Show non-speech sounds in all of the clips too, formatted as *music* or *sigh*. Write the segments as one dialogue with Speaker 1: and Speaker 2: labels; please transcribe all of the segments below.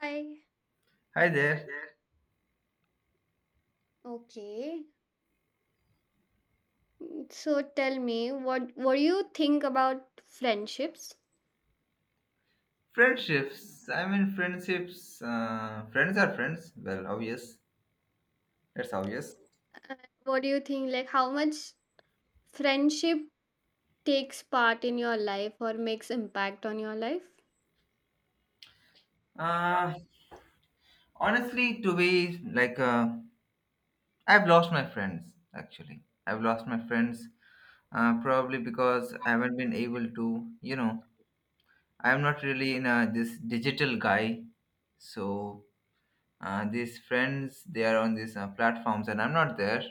Speaker 1: Hi.
Speaker 2: Hi there.
Speaker 1: Okay. So tell me, what do you think about friendships?
Speaker 2: Friendships. I mean, friendships. Friends are friends. Well, obvious. That's obvious.
Speaker 1: What do you think, like how much friendship takes part in your life or makes impact on your life?
Speaker 2: Uh, honestly, to be like, I've lost my friends. Actually, I've lost my friends. Probably because I haven't been able to. I'm not really in this digital guy. So these friends, they are on these platforms, and I'm not there.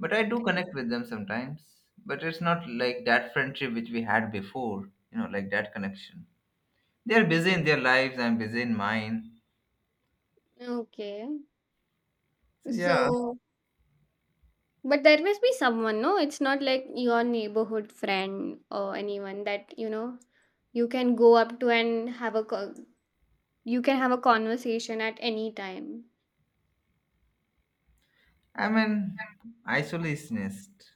Speaker 2: But I do
Speaker 1: Okay.
Speaker 2: connect with them sometimes. But it's not like that friendship which we had before, like that connection. They're busy in their lives, I'm busy in mine.
Speaker 1: Okay.
Speaker 2: So yeah,
Speaker 1: So, but there must be someone, no? It's not like your neighborhood friend or anyone that, you can go up to and have a co- you can have a conversation at any time.
Speaker 2: I'm an isolationist.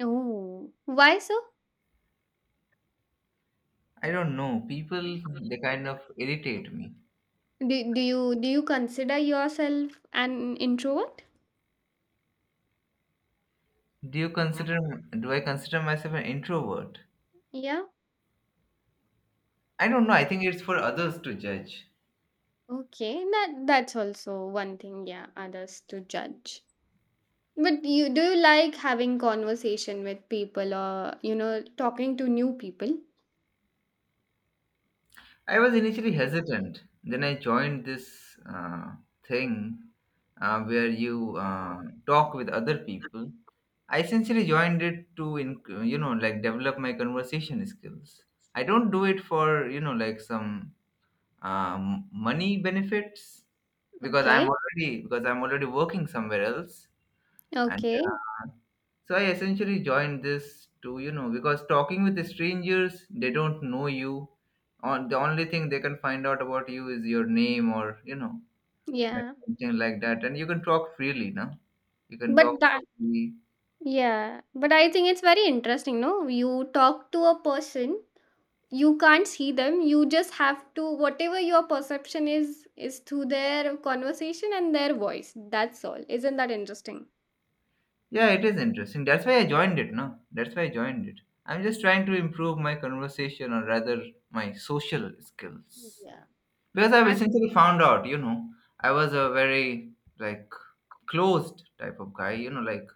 Speaker 1: Oh, why so?
Speaker 2: I don't know. People, they kind of irritate me.
Speaker 1: Do you consider yourself an introvert?
Speaker 2: Do you consider, do I consider myself an introvert?
Speaker 1: Yeah.
Speaker 2: I don't know. I think it's for others to judge.
Speaker 1: Okay. That's also one thing, yeah, others to judge. But you do you like having conversation with people or talking to new people?
Speaker 2: I was initially hesitant. Then I joined this thing where you talk with other people. I essentially joined it to, like develop my conversation skills. I don't do it for, like some money benefits,
Speaker 1: Okay.
Speaker 2: because I'm already working somewhere else, and
Speaker 1: Okay.
Speaker 2: so I essentially joined this to, because talking with strangers, they don't know you, on the only thing they can find out about you is your name, or like
Speaker 1: Yeah.
Speaker 2: something like that, and you can talk freely, no, you can talk
Speaker 1: But that
Speaker 2: freely.
Speaker 1: yeah, but I think it's very interesting, no? You talk to a person you can't see them, you just have to, whatever your perception is through their conversation and their voice, that's all. Isn't that interesting?
Speaker 2: Yeah, it is interesting. That's why I joined it, no, that's why I joined it. I'm just trying to improve my conversation, or rather my social skills,
Speaker 1: Yeah.
Speaker 2: because I've
Speaker 1: Act.
Speaker 2: essentially found out, I was a very, like, closed type of guy,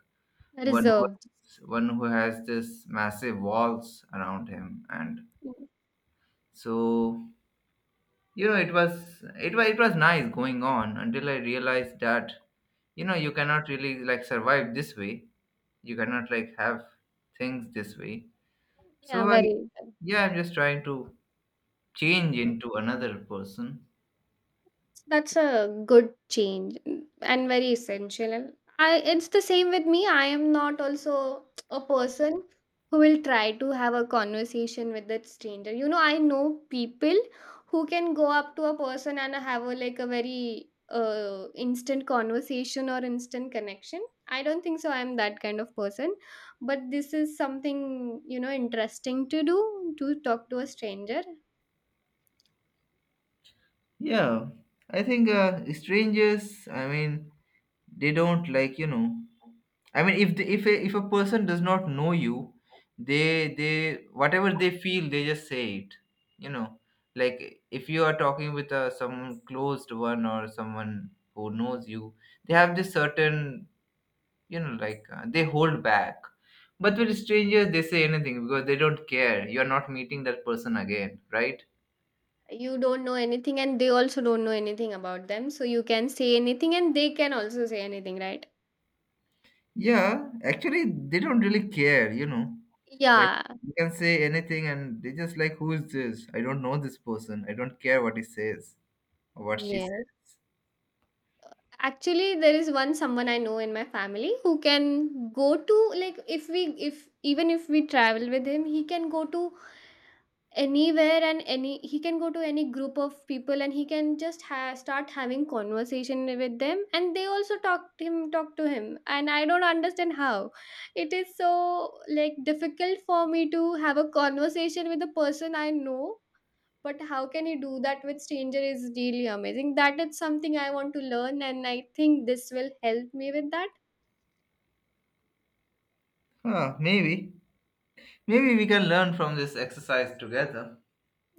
Speaker 1: Reserved.
Speaker 2: one who has this massive walls around him. And so, it was nice going on, until I realized that, you cannot really, like, survive this way. You cannot, like, have things this way. So
Speaker 1: Yeah,
Speaker 2: I
Speaker 1: very.
Speaker 2: yeah, I'm just trying to change into another person.
Speaker 1: That's a good change, and very essential. And I it's the same with me. I am not also a person who will try to have a conversation with that stranger. You know, I know people who can go up to a person and have a, like, a very instant conversation or instant connection. I don't think so. I'm that kind of person, but this is something, interesting to do, to talk to a stranger.
Speaker 2: Yeah, I think strangers, I mean, they don't, like, I mean, if a person does not know you, they whatever they feel, they just say it. You know, like if you are talking with a some closed one or someone who knows you, they have this certain, like, they hold back. But with strangers, they say anything because they don't care. You are not meeting that person again, right?
Speaker 1: You don't know anything, and they also don't know anything about them. So you can say anything, and they can also say anything, right?
Speaker 2: Yeah, actually, they don't really care. Like,
Speaker 1: Yeah,
Speaker 2: you can say anything, and they just, like, who is this? I don't know this person. I don't care what he says or what she
Speaker 1: yes.
Speaker 2: says.
Speaker 1: Actually, there is one someone I know in my family who can go to, like, if even if we travel with him, he can go to anywhere and any he can go to any group of people, and he can just start having conversation with them, and they also talk to him, and I don't understand how it is so, like, difficult for me to have a conversation with a person I know, but how can you do that with stranger is really amazing. That is something I want to learn, and I think this will help me with that.
Speaker 2: Huh, maybe. Maybe we can learn from this exercise together.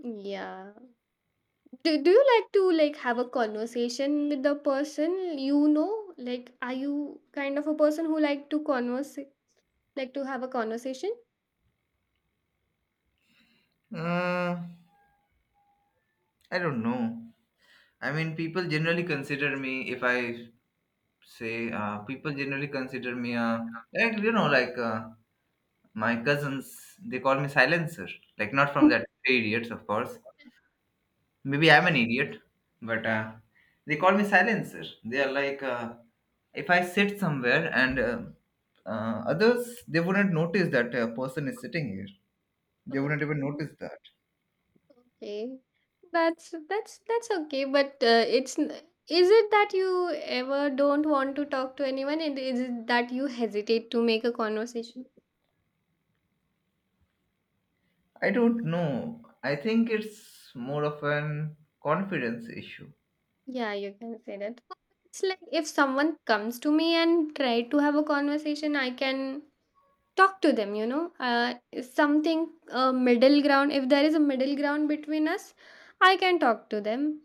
Speaker 1: Yeah. Do you like to, like, have a conversation with the person you know? Like, are you kind of a person who like to converse, like to have a conversation?
Speaker 2: Uh, I don't know. I mean, people generally consider me, if I say, people generally consider me, like, my cousins, they call me silencer. Like, not from that three idiots, of course. Maybe I'm an idiot, but they call me silencer. They are like, if I sit somewhere and others, they wouldn't notice that a person is sitting here. They wouldn't even
Speaker 1: Okay.
Speaker 2: notice that.
Speaker 1: Okay. That's okay, but is it that you ever don't want to talk to anyone, and is it that you hesitate to make a conversation?
Speaker 2: I don't know. I think it's more of an confidence issue.
Speaker 1: Yeah, you can say that. It's like if someone comes to me and try to have a conversation, I can talk to them, you know. Something, a middle ground, if there is a middle ground between us, I can talk to them.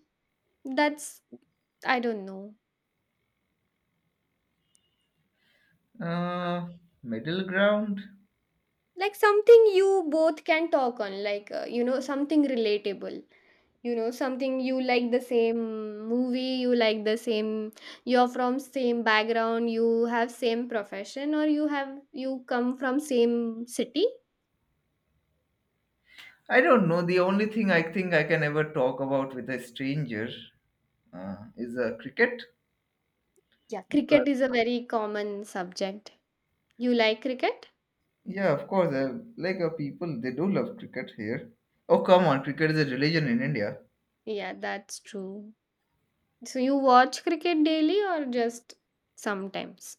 Speaker 1: That's, I don't know.
Speaker 2: Uh, middle ground?
Speaker 1: Like, something you both can talk on, like, you know, something relatable, you know, something you like, the same movie you like, the same, you're from same background, you have same profession, or you have, you come from same city.
Speaker 2: I don't know. The only thing I think I can ever talk about with a stranger is cricket.
Speaker 1: Yeah, cricket is a very common subject. You like cricket?
Speaker 2: Yeah, of course. Like, people, they do love cricket here. Oh, come on, cricket is a religion in India.
Speaker 1: Yeah, that's true. So you watch cricket daily or just sometimes?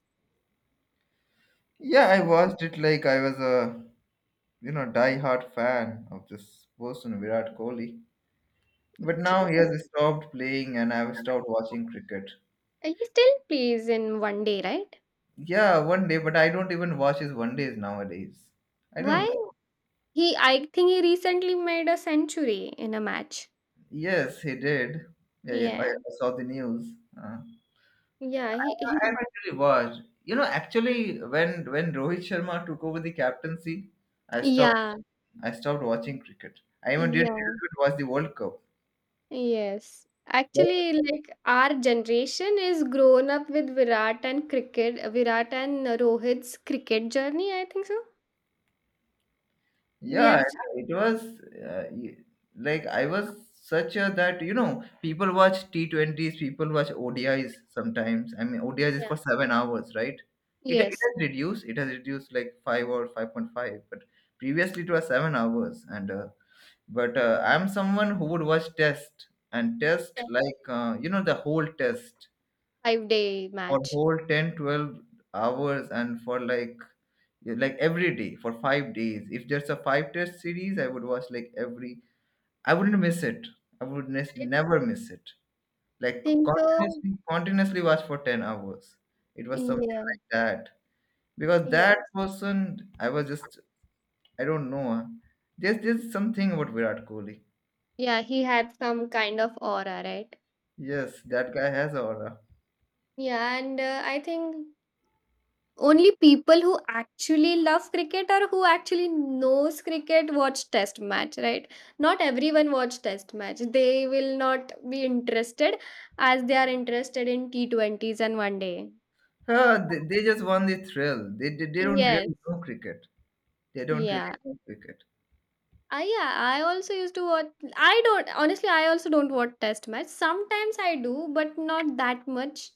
Speaker 2: Yeah, I watched it, like, I was a die-hard fan of this person Virat Kohli. But now
Speaker 1: Okay.
Speaker 2: he has stopped playing, and I've stopped watching cricket.
Speaker 1: He still plays in one day, right?
Speaker 2: Yeah, one day, but I don't even watch his one days nowadays. I don't
Speaker 1: Why?
Speaker 2: know.
Speaker 1: He I think he recently made a century in a match.
Speaker 2: Yes, he did. Yeah, yeah, I,
Speaker 1: Yeah.
Speaker 2: I saw the news. Uh,
Speaker 1: Yeah,
Speaker 2: I
Speaker 1: he
Speaker 2: actually was, actually, when Rohit Sharma took over the captaincy,
Speaker 1: *laughs*
Speaker 2: I stopped.
Speaker 1: Yeah.
Speaker 2: I stopped watching cricket. I even didn't
Speaker 1: Yeah.
Speaker 2: even watch the World Cup.
Speaker 1: Yes.
Speaker 2: But
Speaker 1: Actually, like our generation is grown up with Virat and cricket, Virat and Rohit's cricket journey, I think so. We
Speaker 2: yeah,
Speaker 1: have,
Speaker 2: it was uh, y- like I was such a that, people watch T20s, people watch ODIs sometimes. I mean, ODIs is
Speaker 1: yeah.
Speaker 2: for 7 hours, right? It
Speaker 1: Yes.
Speaker 2: has reduced. It has reduced like 5 or 5.5, but previously it was 7 hours, and but I'm someone who would watch test, and test
Speaker 1: That
Speaker 2: like, the whole test,
Speaker 1: 5-day
Speaker 2: for
Speaker 1: match.
Speaker 2: whole 10, 12 hours, and for, like, yeah, like every day for 5 days, if there's a 5 test series, I would watch, like, every I wouldn't miss it, I would
Speaker 1: I
Speaker 2: never miss it.
Speaker 1: I
Speaker 2: Like,
Speaker 1: think so.
Speaker 2: continuously watch for 10 hours. It was something
Speaker 1: Yeah.
Speaker 2: like that. Because that
Speaker 1: Yes.
Speaker 2: person, I was just, I don't know. Huh? There's something about Virat Kohli.
Speaker 1: Yeah, he had some kind of aura, right?
Speaker 2: Yes, that guy has aura.
Speaker 1: Yeah, and I think only people who actually love cricket or who actually knows cricket watch test match, right? Not everyone watch test match. They will not be interested as they are interested in T20s and one day.
Speaker 2: They just want the thrill. They don't
Speaker 1: Yes.
Speaker 2: really know cricket. They don't really
Speaker 1: Yeah.
Speaker 2: know cricket.
Speaker 1: I Yeah, I also used to watch. I don't, honestly. I also don't watch test match. Sometimes I do, but not that much.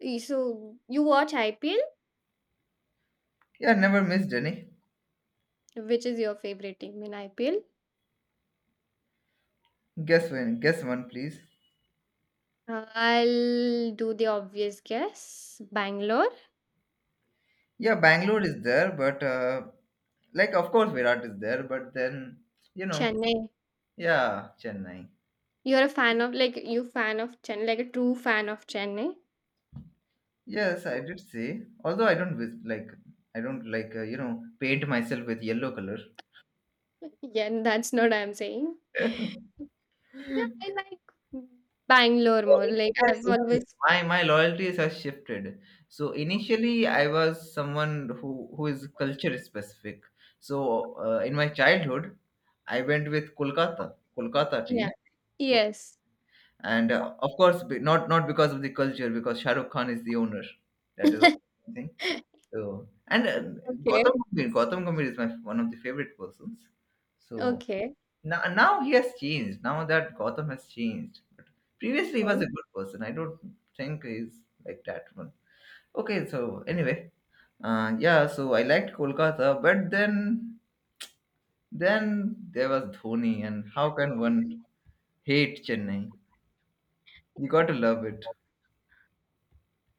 Speaker 1: So you watch IPL?
Speaker 2: Yeah, never missed any.
Speaker 1: Which is your favorite team in IPL?
Speaker 2: Guess when? Guess one, please.
Speaker 1: I'll do the obvious guess. Bangalore,
Speaker 2: Yeah, Bangalore is there, but like, of course, Virat is there, but then, you know,
Speaker 1: Chennai.
Speaker 2: yeah, Chennai.
Speaker 1: You're a fan of, like, you fan of Chennai, like a true fan of Chennai.
Speaker 2: Yes, I did see. Although I don't like, I don't like, paint myself with yellow color.
Speaker 1: *laughs* Yeah, that's not what I'm saying. Yeah,
Speaker 2: *laughs*
Speaker 1: I
Speaker 2: *laughs*
Speaker 1: like Bangalore
Speaker 2: So
Speaker 1: more.
Speaker 2: it,
Speaker 1: Like,
Speaker 2: it has
Speaker 1: I've
Speaker 2: shifted.
Speaker 1: always,
Speaker 2: My loyalties have shifted. So initially, I was someone who is culture specific. So in my childhood, I went with Kolkata
Speaker 1: yeah.
Speaker 2: team. Okay.
Speaker 1: Yes.
Speaker 2: And of course, not because of the culture, because Shahrukh Khan is the owner. That is one thing.
Speaker 1: *laughs*
Speaker 2: So, and Gautam
Speaker 1: Okay.
Speaker 2: Gambhir, Gautam Gambhir is my one of the favorite persons. So
Speaker 1: Okay.
Speaker 2: now he has changed. Now that Gotham has changed. But previously he was a
Speaker 1: Oh.
Speaker 2: good person. I don't think he's like that one. Okay, so anyway, yeah. So I liked Kolkata, but then there was Dhoni, and how can one hate Chennai? You got to love it.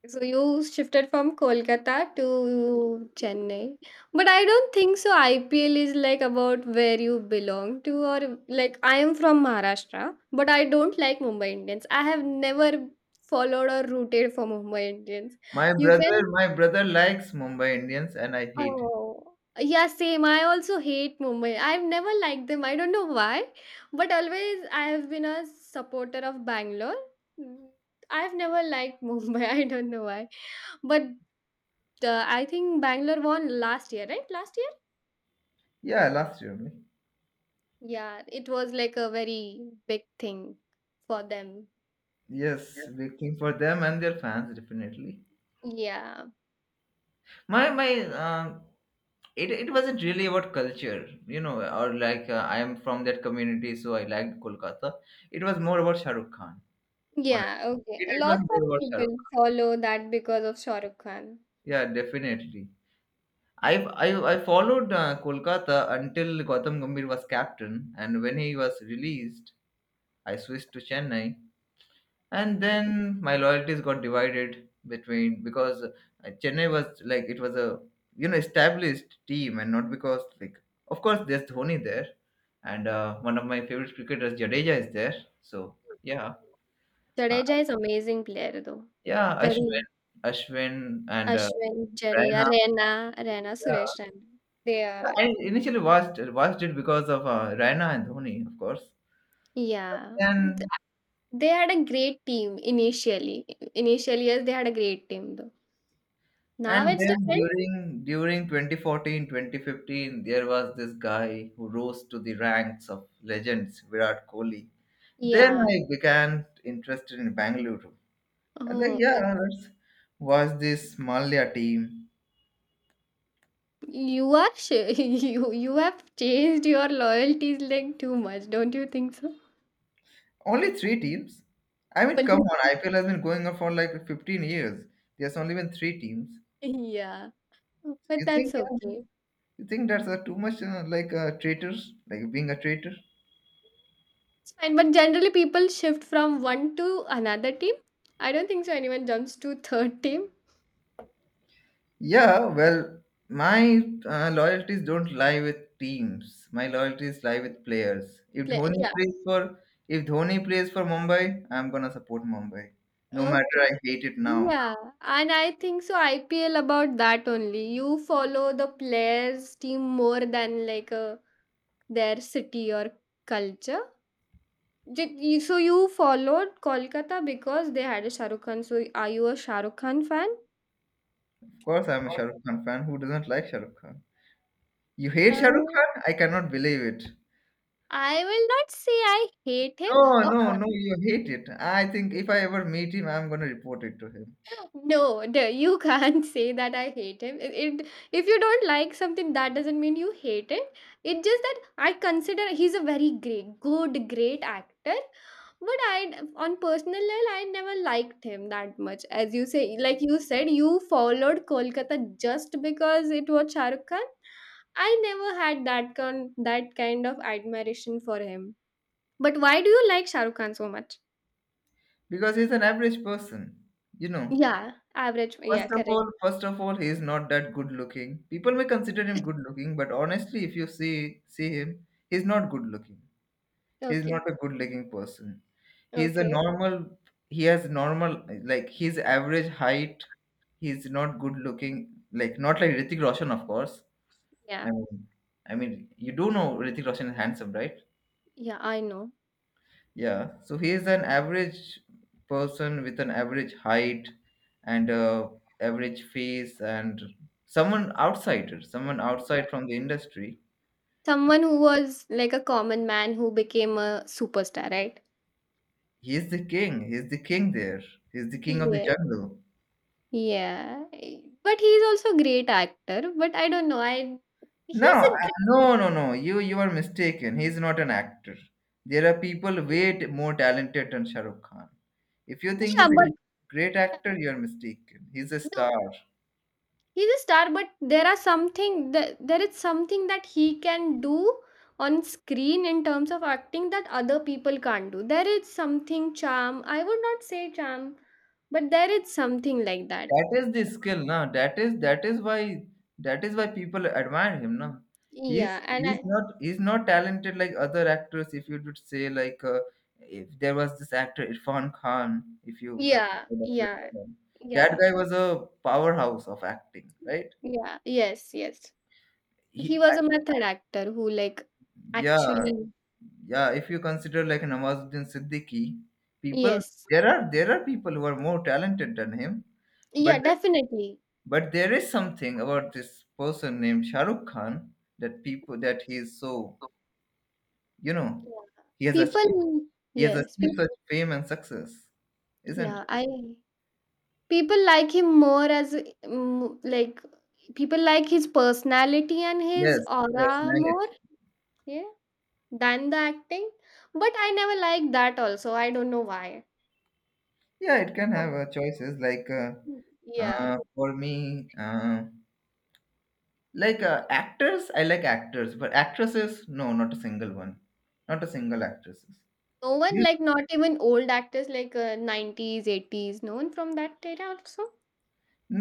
Speaker 1: So you shifted from Kolkata to Chennai. But I don't think so IPL is like about where you belong to, or like I am from Maharashtra, but I don't like Mumbai Indians. I have never followed or rooted for Mumbai Indians.
Speaker 2: My
Speaker 1: You
Speaker 2: brother,
Speaker 1: can
Speaker 2: my brother likes Mumbai Indians, and I hate him.
Speaker 1: Oh yeah, same. I also hate Mumbai. I've never liked them. I don't know why. But always I have been a supporter of Bangalore. Mm, I've never liked Mumbai. *laughs* I don't know why, but I think Bangalore won last year, right? Last year?
Speaker 2: Yeah, last year only.
Speaker 1: Yeah, it was like a very big thing for them.
Speaker 2: Yes, waiting for them and their fans definitely.
Speaker 1: Yeah.
Speaker 2: my my um it wasn't really about culture, or like, I am from that community, so I liked Kolkata. It was more about Shah Rukh Khan.
Speaker 1: Yeah,
Speaker 2: Honestly,
Speaker 1: okay.
Speaker 2: it was
Speaker 1: Lots
Speaker 2: more
Speaker 1: of
Speaker 2: about Shah Rukh
Speaker 1: people
Speaker 2: Khan.
Speaker 1: follow that because of Shah Rukh Khan.
Speaker 2: Yeah, definitely. I followed Kolkata until Gautam Gambhir was captain, and when he was released, I switched to Chennai. And then my loyalties got divided between, because Chennai was, like, it was a established team, and not because, like, of course there's Dhoni there, and one of my favorite cricketers Jadeja is there, so yeah. uh,
Speaker 1: Jadeja is amazing player though.
Speaker 2: yeah, Ashwin
Speaker 1: Very.
Speaker 2: Ashwin and
Speaker 1: Ashwin, Jadeja,
Speaker 2: Raina,
Speaker 1: Raina, Suresh
Speaker 2: yeah.
Speaker 1: Raina. They are,
Speaker 2: I initially watched it because of Raina and Dhoni, of course.
Speaker 1: yeah.
Speaker 2: Then.
Speaker 1: They had a great team initially. Initial years they had a great team though. Now
Speaker 2: And
Speaker 1: it's
Speaker 2: then
Speaker 1: different.
Speaker 2: during 2014 2015, there was this guy who rose to the ranks of legends, Virat Kohli. Then
Speaker 1: Yeah.
Speaker 2: I began interested in Bangalore. And then,
Speaker 1: Oh,
Speaker 2: yeah, let's watch this Malia team.
Speaker 1: you are *laughs* you have changed your loyalties like too much, don't you think so?
Speaker 2: Only three teams. I mean, come on,
Speaker 1: *laughs*
Speaker 2: IPL has been going on for like 15 years. There's only been three teams.
Speaker 1: Yeah,
Speaker 2: You
Speaker 1: but
Speaker 2: think
Speaker 1: that's
Speaker 2: uh,
Speaker 1: okay.
Speaker 2: you think that's too much, like a traitor, like being a traitor?
Speaker 1: It's fine. But generally, people shift from one to another team. I don't think so. Anyone jumps to third team.
Speaker 2: Yeah, well, my loyalties don't lie with teams. My loyalties lie with players.
Speaker 1: Yeah.
Speaker 2: If Dhoni plays for Mumbai, I'm gonna support Mumbai. No matter,
Speaker 1: Okay.
Speaker 2: I hate it now.
Speaker 1: Yeah, and I think so. IPL about that only. You follow the players' team more than like their city or culture. So you followed Kolkata because they had a Shah Rukh Khan. So are you a Shah Rukh Khan fan?
Speaker 2: Of course, I'm a Shah Rukh Khan fan. Who doesn't like Shah Rukh Khan? You hate
Speaker 1: Uh,
Speaker 2: Shah Rukh Khan? I cannot believe it.
Speaker 1: I will not say I hate him.
Speaker 2: No,
Speaker 1: Uh,
Speaker 2: no, no. You hate it. I think if I ever meet him, I'm gonna report it to him,
Speaker 1: No, no, you *laughs* can't say that I hate him. If you don't like something, that doesn't mean you hate it. It's just that I consider he's a very great, good, great actor. But I, on personal level, I never liked him that much. As you say, like you said, you followed Kolkata just because it was Shah Rukh Khan. I never had that kind of admiration for him. But why do you like Shah Rukh Khan so much?
Speaker 2: because he's an average person. You know.
Speaker 1: Yeah, average.
Speaker 2: First
Speaker 1: Yeah,
Speaker 2: of
Speaker 1: correct.
Speaker 2: all, first of all, he is not that good looking. People may consider him good looking, but honestly, if you see him, he's not good looking. He's
Speaker 1: Okay,
Speaker 2: not a good looking person. He's a
Speaker 1: okay.
Speaker 2: normal. He has normal, like his average height. He's not good looking. Like not like Ritik Roshan, of course. I
Speaker 1: Yeah.
Speaker 2: mean, I mean, you do know Ritik Roshan is handsome, right?
Speaker 1: Yeah, I know.
Speaker 2: Yeah, so he is an average person with an average height and average face, and someone
Speaker 1: Yeah.
Speaker 2: outside from the industry.
Speaker 1: Someone who was like a common man who became a superstar, right?
Speaker 2: He is the king. He is the king there. He is the king of the
Speaker 1: Yeah.
Speaker 2: jungle.
Speaker 1: Yeah. But he's also a great actor, but I don't know. I
Speaker 2: No,
Speaker 1: He's a great,
Speaker 2: no, no, no. You are mistaken. He is not an actor. There are people way more talented than Shahrukh Khan. If you think
Speaker 1: yeah,
Speaker 2: he's a
Speaker 1: but
Speaker 2: great
Speaker 1: yeah,
Speaker 2: actor, you are mistaken. He's a
Speaker 1: no,
Speaker 2: star.
Speaker 1: he's a star, but there are something that, there is something that he can do on screen in terms of acting that other people can't do. There is something charm. I would not say charm, but there is something like that.
Speaker 2: That is the skill, na. That is why people admire him, na. He's
Speaker 1: Yeah, and
Speaker 2: he's
Speaker 1: I
Speaker 2: not he's not talented like other actors. If you would say like, if there was this actor Irfan Khan, if you have
Speaker 1: Yeah,
Speaker 2: heard of it,
Speaker 1: yeah,
Speaker 2: yeah. That
Speaker 1: yeah,
Speaker 2: guy was a powerhouse of acting, right?
Speaker 1: yeah. Yes, yes.
Speaker 2: He,
Speaker 1: He was
Speaker 2: I,
Speaker 1: a method actor who, like,
Speaker 2: yeah,
Speaker 1: actually,
Speaker 2: yeah. If you consider like Nawazuddin Siddiqui, people
Speaker 1: yes,
Speaker 2: there are people who are more talented than him, but
Speaker 1: yeah, definitely.
Speaker 2: but there is something about this person named Shah Rukh Khan that people that he is so you know
Speaker 1: Yeah.
Speaker 2: he has achieved
Speaker 1: People,
Speaker 2: he has
Speaker 1: yes, pe
Speaker 2: achieved such fame and success, isn't
Speaker 1: yeah,
Speaker 2: it?
Speaker 1: I People like him more as, like, people like his personality and
Speaker 2: Yes,
Speaker 1: his aura
Speaker 2: personality.
Speaker 1: more, yeah, than the acting. But I never liked that also. I don't know why.
Speaker 2: Yeah, it can have choices like
Speaker 1: Mm. Yeah.
Speaker 2: for me like actors. I like actors, but actresses no, not a single one, not a single actresses.
Speaker 1: No one,
Speaker 2: You-
Speaker 1: like not even old actors like 90s, 80s, no one from that era also?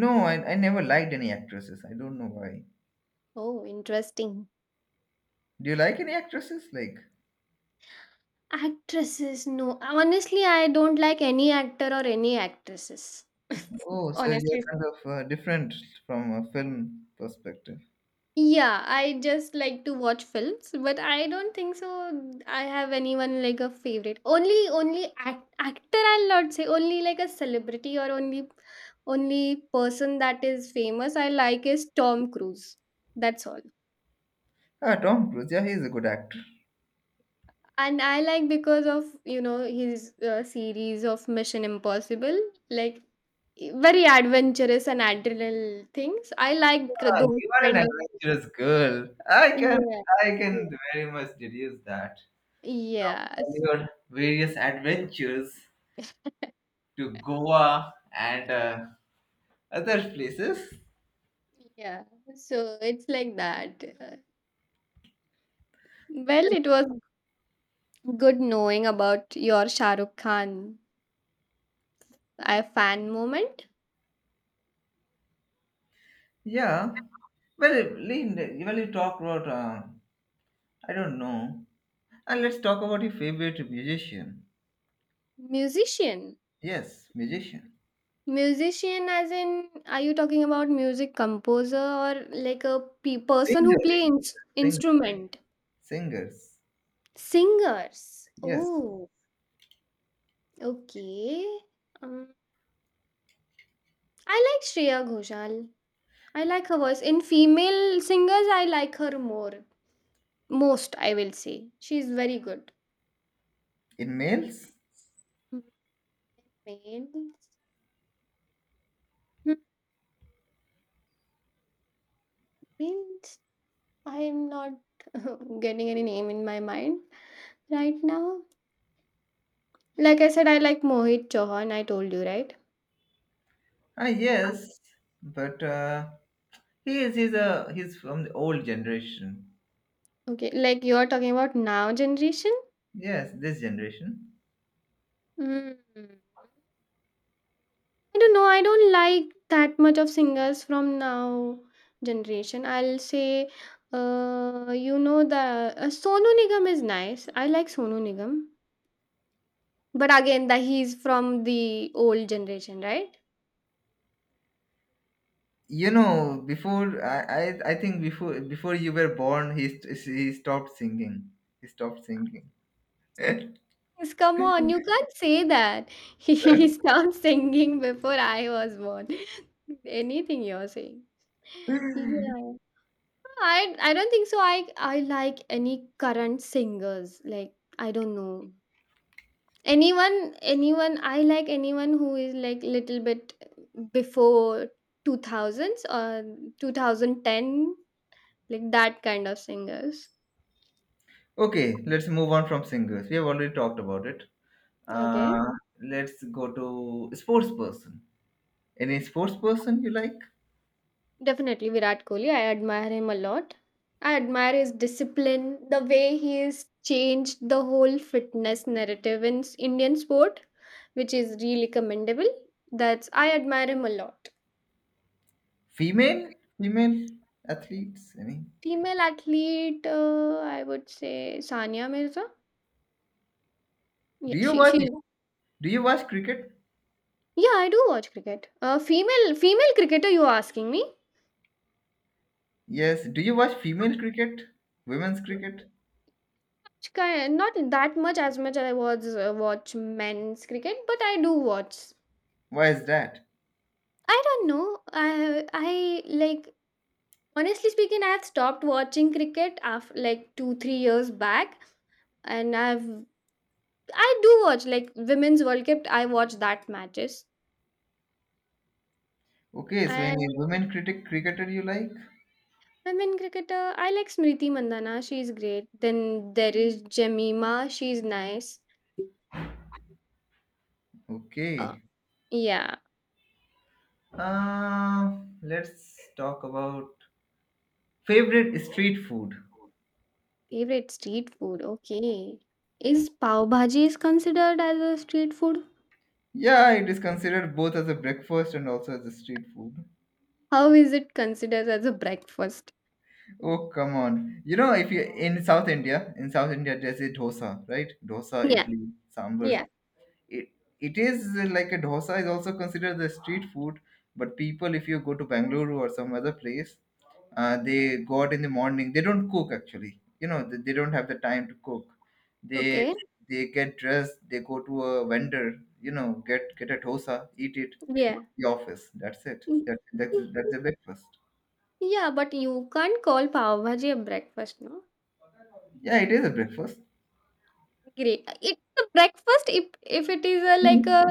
Speaker 2: No, I never liked any actresses. I don't know why.
Speaker 1: Oh, interesting.
Speaker 2: Do you like any actresses? Like
Speaker 1: Actresses, no. Honestly, I don't like any actor or any actresses.
Speaker 2: Oh,
Speaker 1: *laughs*
Speaker 2: so you're
Speaker 1: Honestly.
Speaker 2: kind of different from a film perspective.
Speaker 1: Yeah, I just like to watch films, but I don't think so I have anyone like a favorite. Only actor. I'll not say only like a celebrity or only person that is famous. I like is Tom Cruise. That's all.
Speaker 2: Ah, Tom Cruise, yeah, he's a good actor.
Speaker 1: And I like because of, his series of Mission Impossible, like very adventurous and adrenal things I like,
Speaker 2: Ah,
Speaker 1: those
Speaker 2: you are
Speaker 1: kind
Speaker 2: an
Speaker 1: of things.
Speaker 2: adventurous girl.
Speaker 1: Yeah,
Speaker 2: I
Speaker 1: yeah,
Speaker 2: can very much deduce that.
Speaker 1: yeah.
Speaker 2: All
Speaker 1: *laughs*
Speaker 2: your various adventures to Goa and other places.
Speaker 1: Yeah, so it's like that. Well, it was good knowing about your Shah Rukh Khan, a fan moment.
Speaker 2: Yeah. Well, Lynn, well, you talk about, I don't know. And let's talk about your favorite musician.
Speaker 1: Musician.
Speaker 2: Yes, musician.
Speaker 1: Musician, as in, are you talking about music composer or like a person who
Speaker 2: Singers.
Speaker 1: play
Speaker 2: Sing-
Speaker 1: instrument?
Speaker 2: singers.
Speaker 1: Singers.
Speaker 2: Yes.
Speaker 1: Oh, okay. Um, I like Shreya Ghoshal. I like her voice. In female singers, I like her more. Most, I will say. She's very good.
Speaker 2: In males?
Speaker 1: Males? Males? I'm not *laughs* getting any name in my mind right now. Like I said, I like Mohit Chauhan, I told you, right?
Speaker 2: Ah, yes, but he is he's a he's from the old generation.
Speaker 1: Okay, like you're talking about now generation?
Speaker 2: Yes, this generation.
Speaker 1: Hmm. I don't know. I don't like that much of singers from now generation. I'll say, you know, the Sonu Nigam is nice. I like Sonu Nigam, but again, that he's from the old generation, right?
Speaker 2: You know, before I I think before you were born, he stopped singing. He stopped singing. *laughs*
Speaker 1: Yes, come on, you can't say that. *laughs* He started singing before I was born. *laughs* Anything you're saying. Yeah. I don't think so. I like any current singers. Like, I don't know anyone. I like anyone who is like little bit before two thousands or 2010, like that kind of singers.
Speaker 2: Okay, let's move on from singers. We have already talked about it.
Speaker 1: Okay,
Speaker 2: Uh, let's go to sports person. Any sports person you like?
Speaker 1: definitely Virat Kohli. I admire him a lot. I admire his discipline, the way he has changed the whole fitness narrative in Indian sport, which is really commendable. That's I admire him a lot.
Speaker 2: Female, female athletes. Any?
Speaker 1: Female athlete, I would say Sania Mirza. Yeah,
Speaker 2: Do you
Speaker 1: she
Speaker 2: watch?
Speaker 1: she.
Speaker 2: Do you watch cricket?
Speaker 1: Yeah, I do watch cricket. Female cricketer, you are asking me?
Speaker 2: Yes. Do you watch female cricket? Women's cricket?
Speaker 1: Not that much as I was watch men's cricket, but I do watch.
Speaker 2: Why is that?
Speaker 1: I don't know. I like, honestly speaking, I have stopped watching cricket after like 2 3 years back, and I do watch like Women's World Cup. I watch that matches
Speaker 2: Okay, so any
Speaker 1: and
Speaker 2: women critic cricketer you like?
Speaker 1: Women cricketer, I like Smriti Mandhana. She's great. Then there is Jemima. She's nice. Uh,
Speaker 2: Okay.
Speaker 1: yeah.
Speaker 2: Uh, let's talk about favorite street food.
Speaker 1: Favorite street food. Okay. Is pav bhaji is considered as a street food?
Speaker 2: Yeah, it is considered both as a breakfast and also as a street food.
Speaker 1: How is it considered as a breakfast?
Speaker 2: Oh, come on. You know, if you in South India, there's a dosa, right? Dosa,
Speaker 1: Yeah.
Speaker 2: idli, sambar.
Speaker 1: Yeah.
Speaker 2: it, it is like a dosa is also considered the street food, but people, if you go to Bangalore or some other place, they go out in the morning. They don't cook, actually. You know, they don't have the time to cook. they
Speaker 1: Okay.
Speaker 2: they get dressed, they go to a vendor, you know, get a dosa, eat it, go
Speaker 1: Yeah.
Speaker 2: to the office. That's it. That's
Speaker 1: *laughs*
Speaker 2: the breakfast.
Speaker 1: Yeah, but you can't call pav bhaji a breakfast, no?
Speaker 2: Yeah, it is a breakfast.
Speaker 1: Great. It the breakfast if it is a like a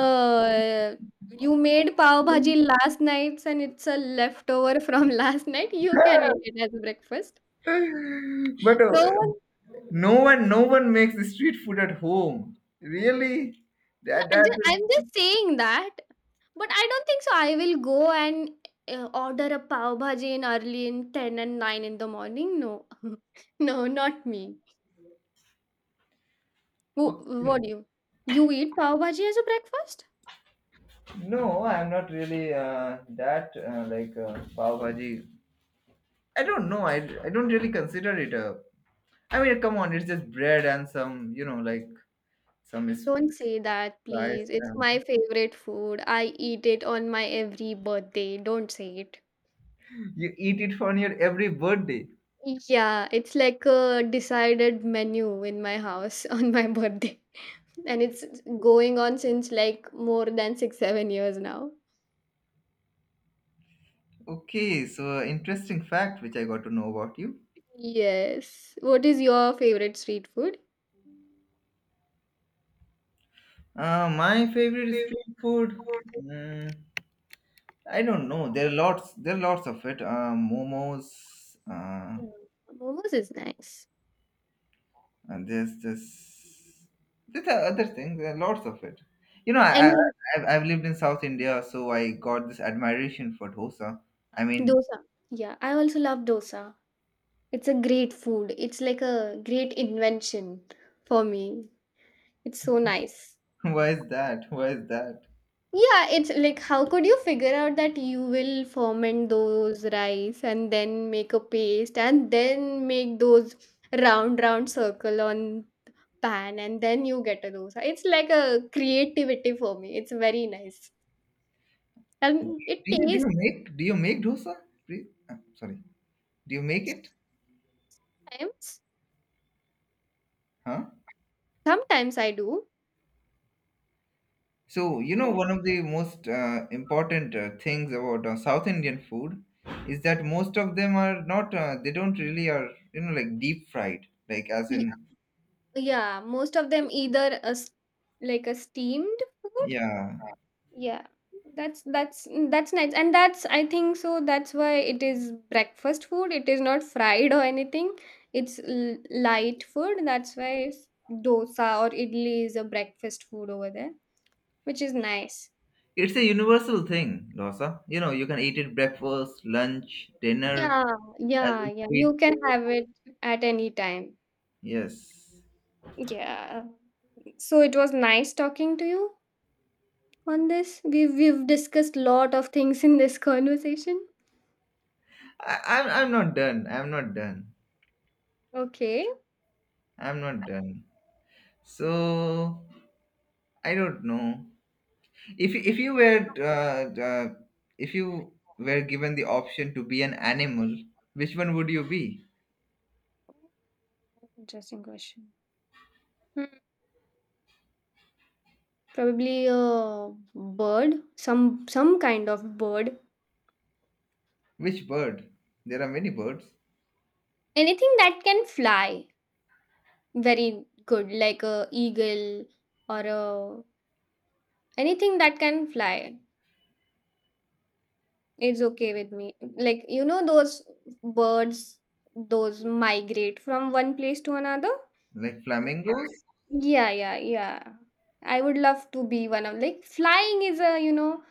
Speaker 1: you made pav bhaji last night, and it's a leftover from *laughs* last night, you can eat it as breakfast.
Speaker 2: *laughs* but
Speaker 1: No one.
Speaker 2: no one makes the street food at home, really.
Speaker 1: Yeah, I'm
Speaker 2: That
Speaker 1: just, I'm
Speaker 2: is
Speaker 1: just saying that, but I don't think so. I will go and order a pav bhaji in early in 10 and 9 in the morning. No, *laughs* no, not me. Who,
Speaker 2: Okay.
Speaker 1: what do you? You eat pav bhaji as a breakfast?
Speaker 2: No, I'm not really that like pav bhaji. I don't know. I don't really consider it a. I mean, come on, it's just bread and some, you know, like some spice.
Speaker 1: Don't say that, please. It's
Speaker 2: And
Speaker 1: my favorite food. I eat it on my every birthday. Don't say it.
Speaker 2: you eat it for your every birthday.
Speaker 1: Yeah, it's like a decided menu in my house *laughs* on my birthday. And it's going on since like more than 6, 7 years now.
Speaker 2: Okay, so interesting fact which I got to know about you.
Speaker 1: Yes. What is your favorite street food?
Speaker 2: My favorite street food. mm, I don't know. There are lots. There are lots of it. Momos.
Speaker 1: Yeah, momos is nice.
Speaker 2: And there's this, there's the other things, there are lots of it. You know,
Speaker 1: Any
Speaker 2: I've lived in South India, so I got this admiration for dosa. I mean,
Speaker 1: dosa. Yeah, I also love dosa. It's a great food. It's like a great invention for me. It's so nice.
Speaker 2: *laughs* why is that? Why is that?
Speaker 1: Yeah, it's like how could you figure out that you will ferment those rice and then make a paste and then make those round circle on pan and then you get a dosa. It's like a creativity for me. It's very nice.
Speaker 2: Do
Speaker 1: And it
Speaker 2: do you
Speaker 1: tastes
Speaker 2: make dosa? Please? Sorry, do you make it?
Speaker 1: sometimes.
Speaker 2: Huh?
Speaker 1: Sometimes I do.
Speaker 2: So you know, one of the most important things about South Indian food is that most of them are not. They don't really are, you know, like deep fried, like as
Speaker 1: Yeah,
Speaker 2: in
Speaker 1: yeah, most of them either a s like a steamed food.
Speaker 2: yeah.
Speaker 1: Yeah, that's nice, and that's I think so. That's why it is breakfast food. It is not fried or anything. It's light food. That's why dosa or idli is a breakfast food over there, which is nice.
Speaker 2: It's a universal thing, dosa. You know, you can eat it breakfast, lunch, dinner,
Speaker 1: Yeah,
Speaker 2: as
Speaker 1: yeah,
Speaker 2: a
Speaker 1: yeah.
Speaker 2: sweet.
Speaker 1: You can have it at any time.
Speaker 2: Yes.
Speaker 1: Yeah. So it was nice talking to you on this. We've discussed lot of things in this *laughs* conversation.
Speaker 2: I'm, I'm not done.
Speaker 1: Okay.
Speaker 2: I'm not done. So, I don't know. If, you- if you were uh, uh, if you were given the option to be an animal, which one would you be?
Speaker 1: Interesting question. Probably a bird, some kind of bird.
Speaker 2: Which bird? There are many birds,
Speaker 1: Anything that can fly very good, like a eagle or a anything that can fly. It's okay with me. Like you know those birds those migrate from one place to another.
Speaker 2: like flamingos.
Speaker 1: Yeah, yeah, yeah. I would love to be one of like flying is a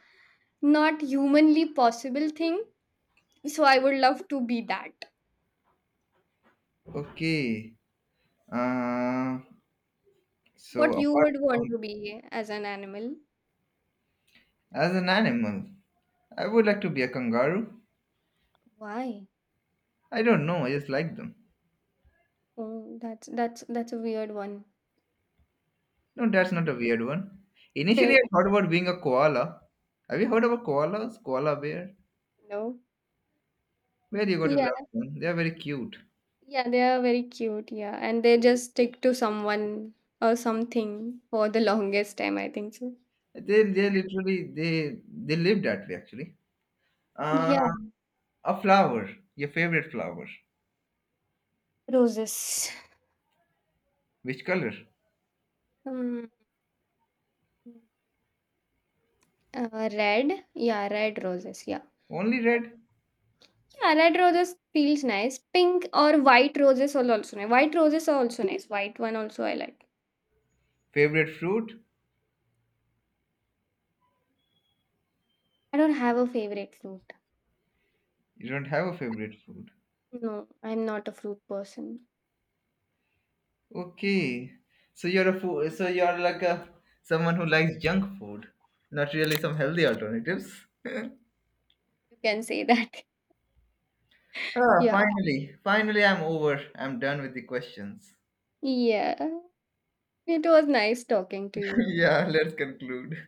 Speaker 1: not humanly possible thing. So I would love to be that.
Speaker 2: Okay. Uh, so
Speaker 1: What you
Speaker 2: apart
Speaker 1: would want
Speaker 2: from
Speaker 1: to be as an animal?
Speaker 2: as an animal, I would like to be a kangaroo.
Speaker 1: Why?
Speaker 2: I don't know, I just like them.
Speaker 1: Oh, that's a weird one.
Speaker 2: No, that's not a weird one. Initially, I
Speaker 1: *laughs*
Speaker 2: thought about being a koala. Have you heard about koalas? Koala bear?
Speaker 1: No.
Speaker 2: Where you got to
Speaker 1: Yeah,
Speaker 2: love them? They are very cute.
Speaker 1: yeah, they are very cute, yeah. And they just stick to someone or something for the longest time, I think so.
Speaker 2: They literally they live that way, actually. Uh,
Speaker 1: Yeah,
Speaker 2: a flower. Your favorite flower.
Speaker 1: roses.
Speaker 2: Which color?
Speaker 1: Um, red. Yeah, red roses. Yeah.
Speaker 2: Only red.
Speaker 1: Yeah, red roses feels nice. Pink or white roses are also nice. White roses are also nice. White one also I like.
Speaker 2: Favorite fruit?
Speaker 1: I don't have a favorite fruit.
Speaker 2: You don't have a favorite fruit.
Speaker 1: No, I'm not a fruit person.
Speaker 2: Okay. So you're a food. So you're like a someone who likes junk food, not really some healthy alternatives.
Speaker 1: You can say that. *laughs*
Speaker 2: Ah,
Speaker 1: Yeah.
Speaker 2: finally, finally, I'm over. I'm done with the questions.
Speaker 1: Yeah. It was nice talking to
Speaker 2: *laughs*
Speaker 1: you.
Speaker 2: yeah, let's conclude.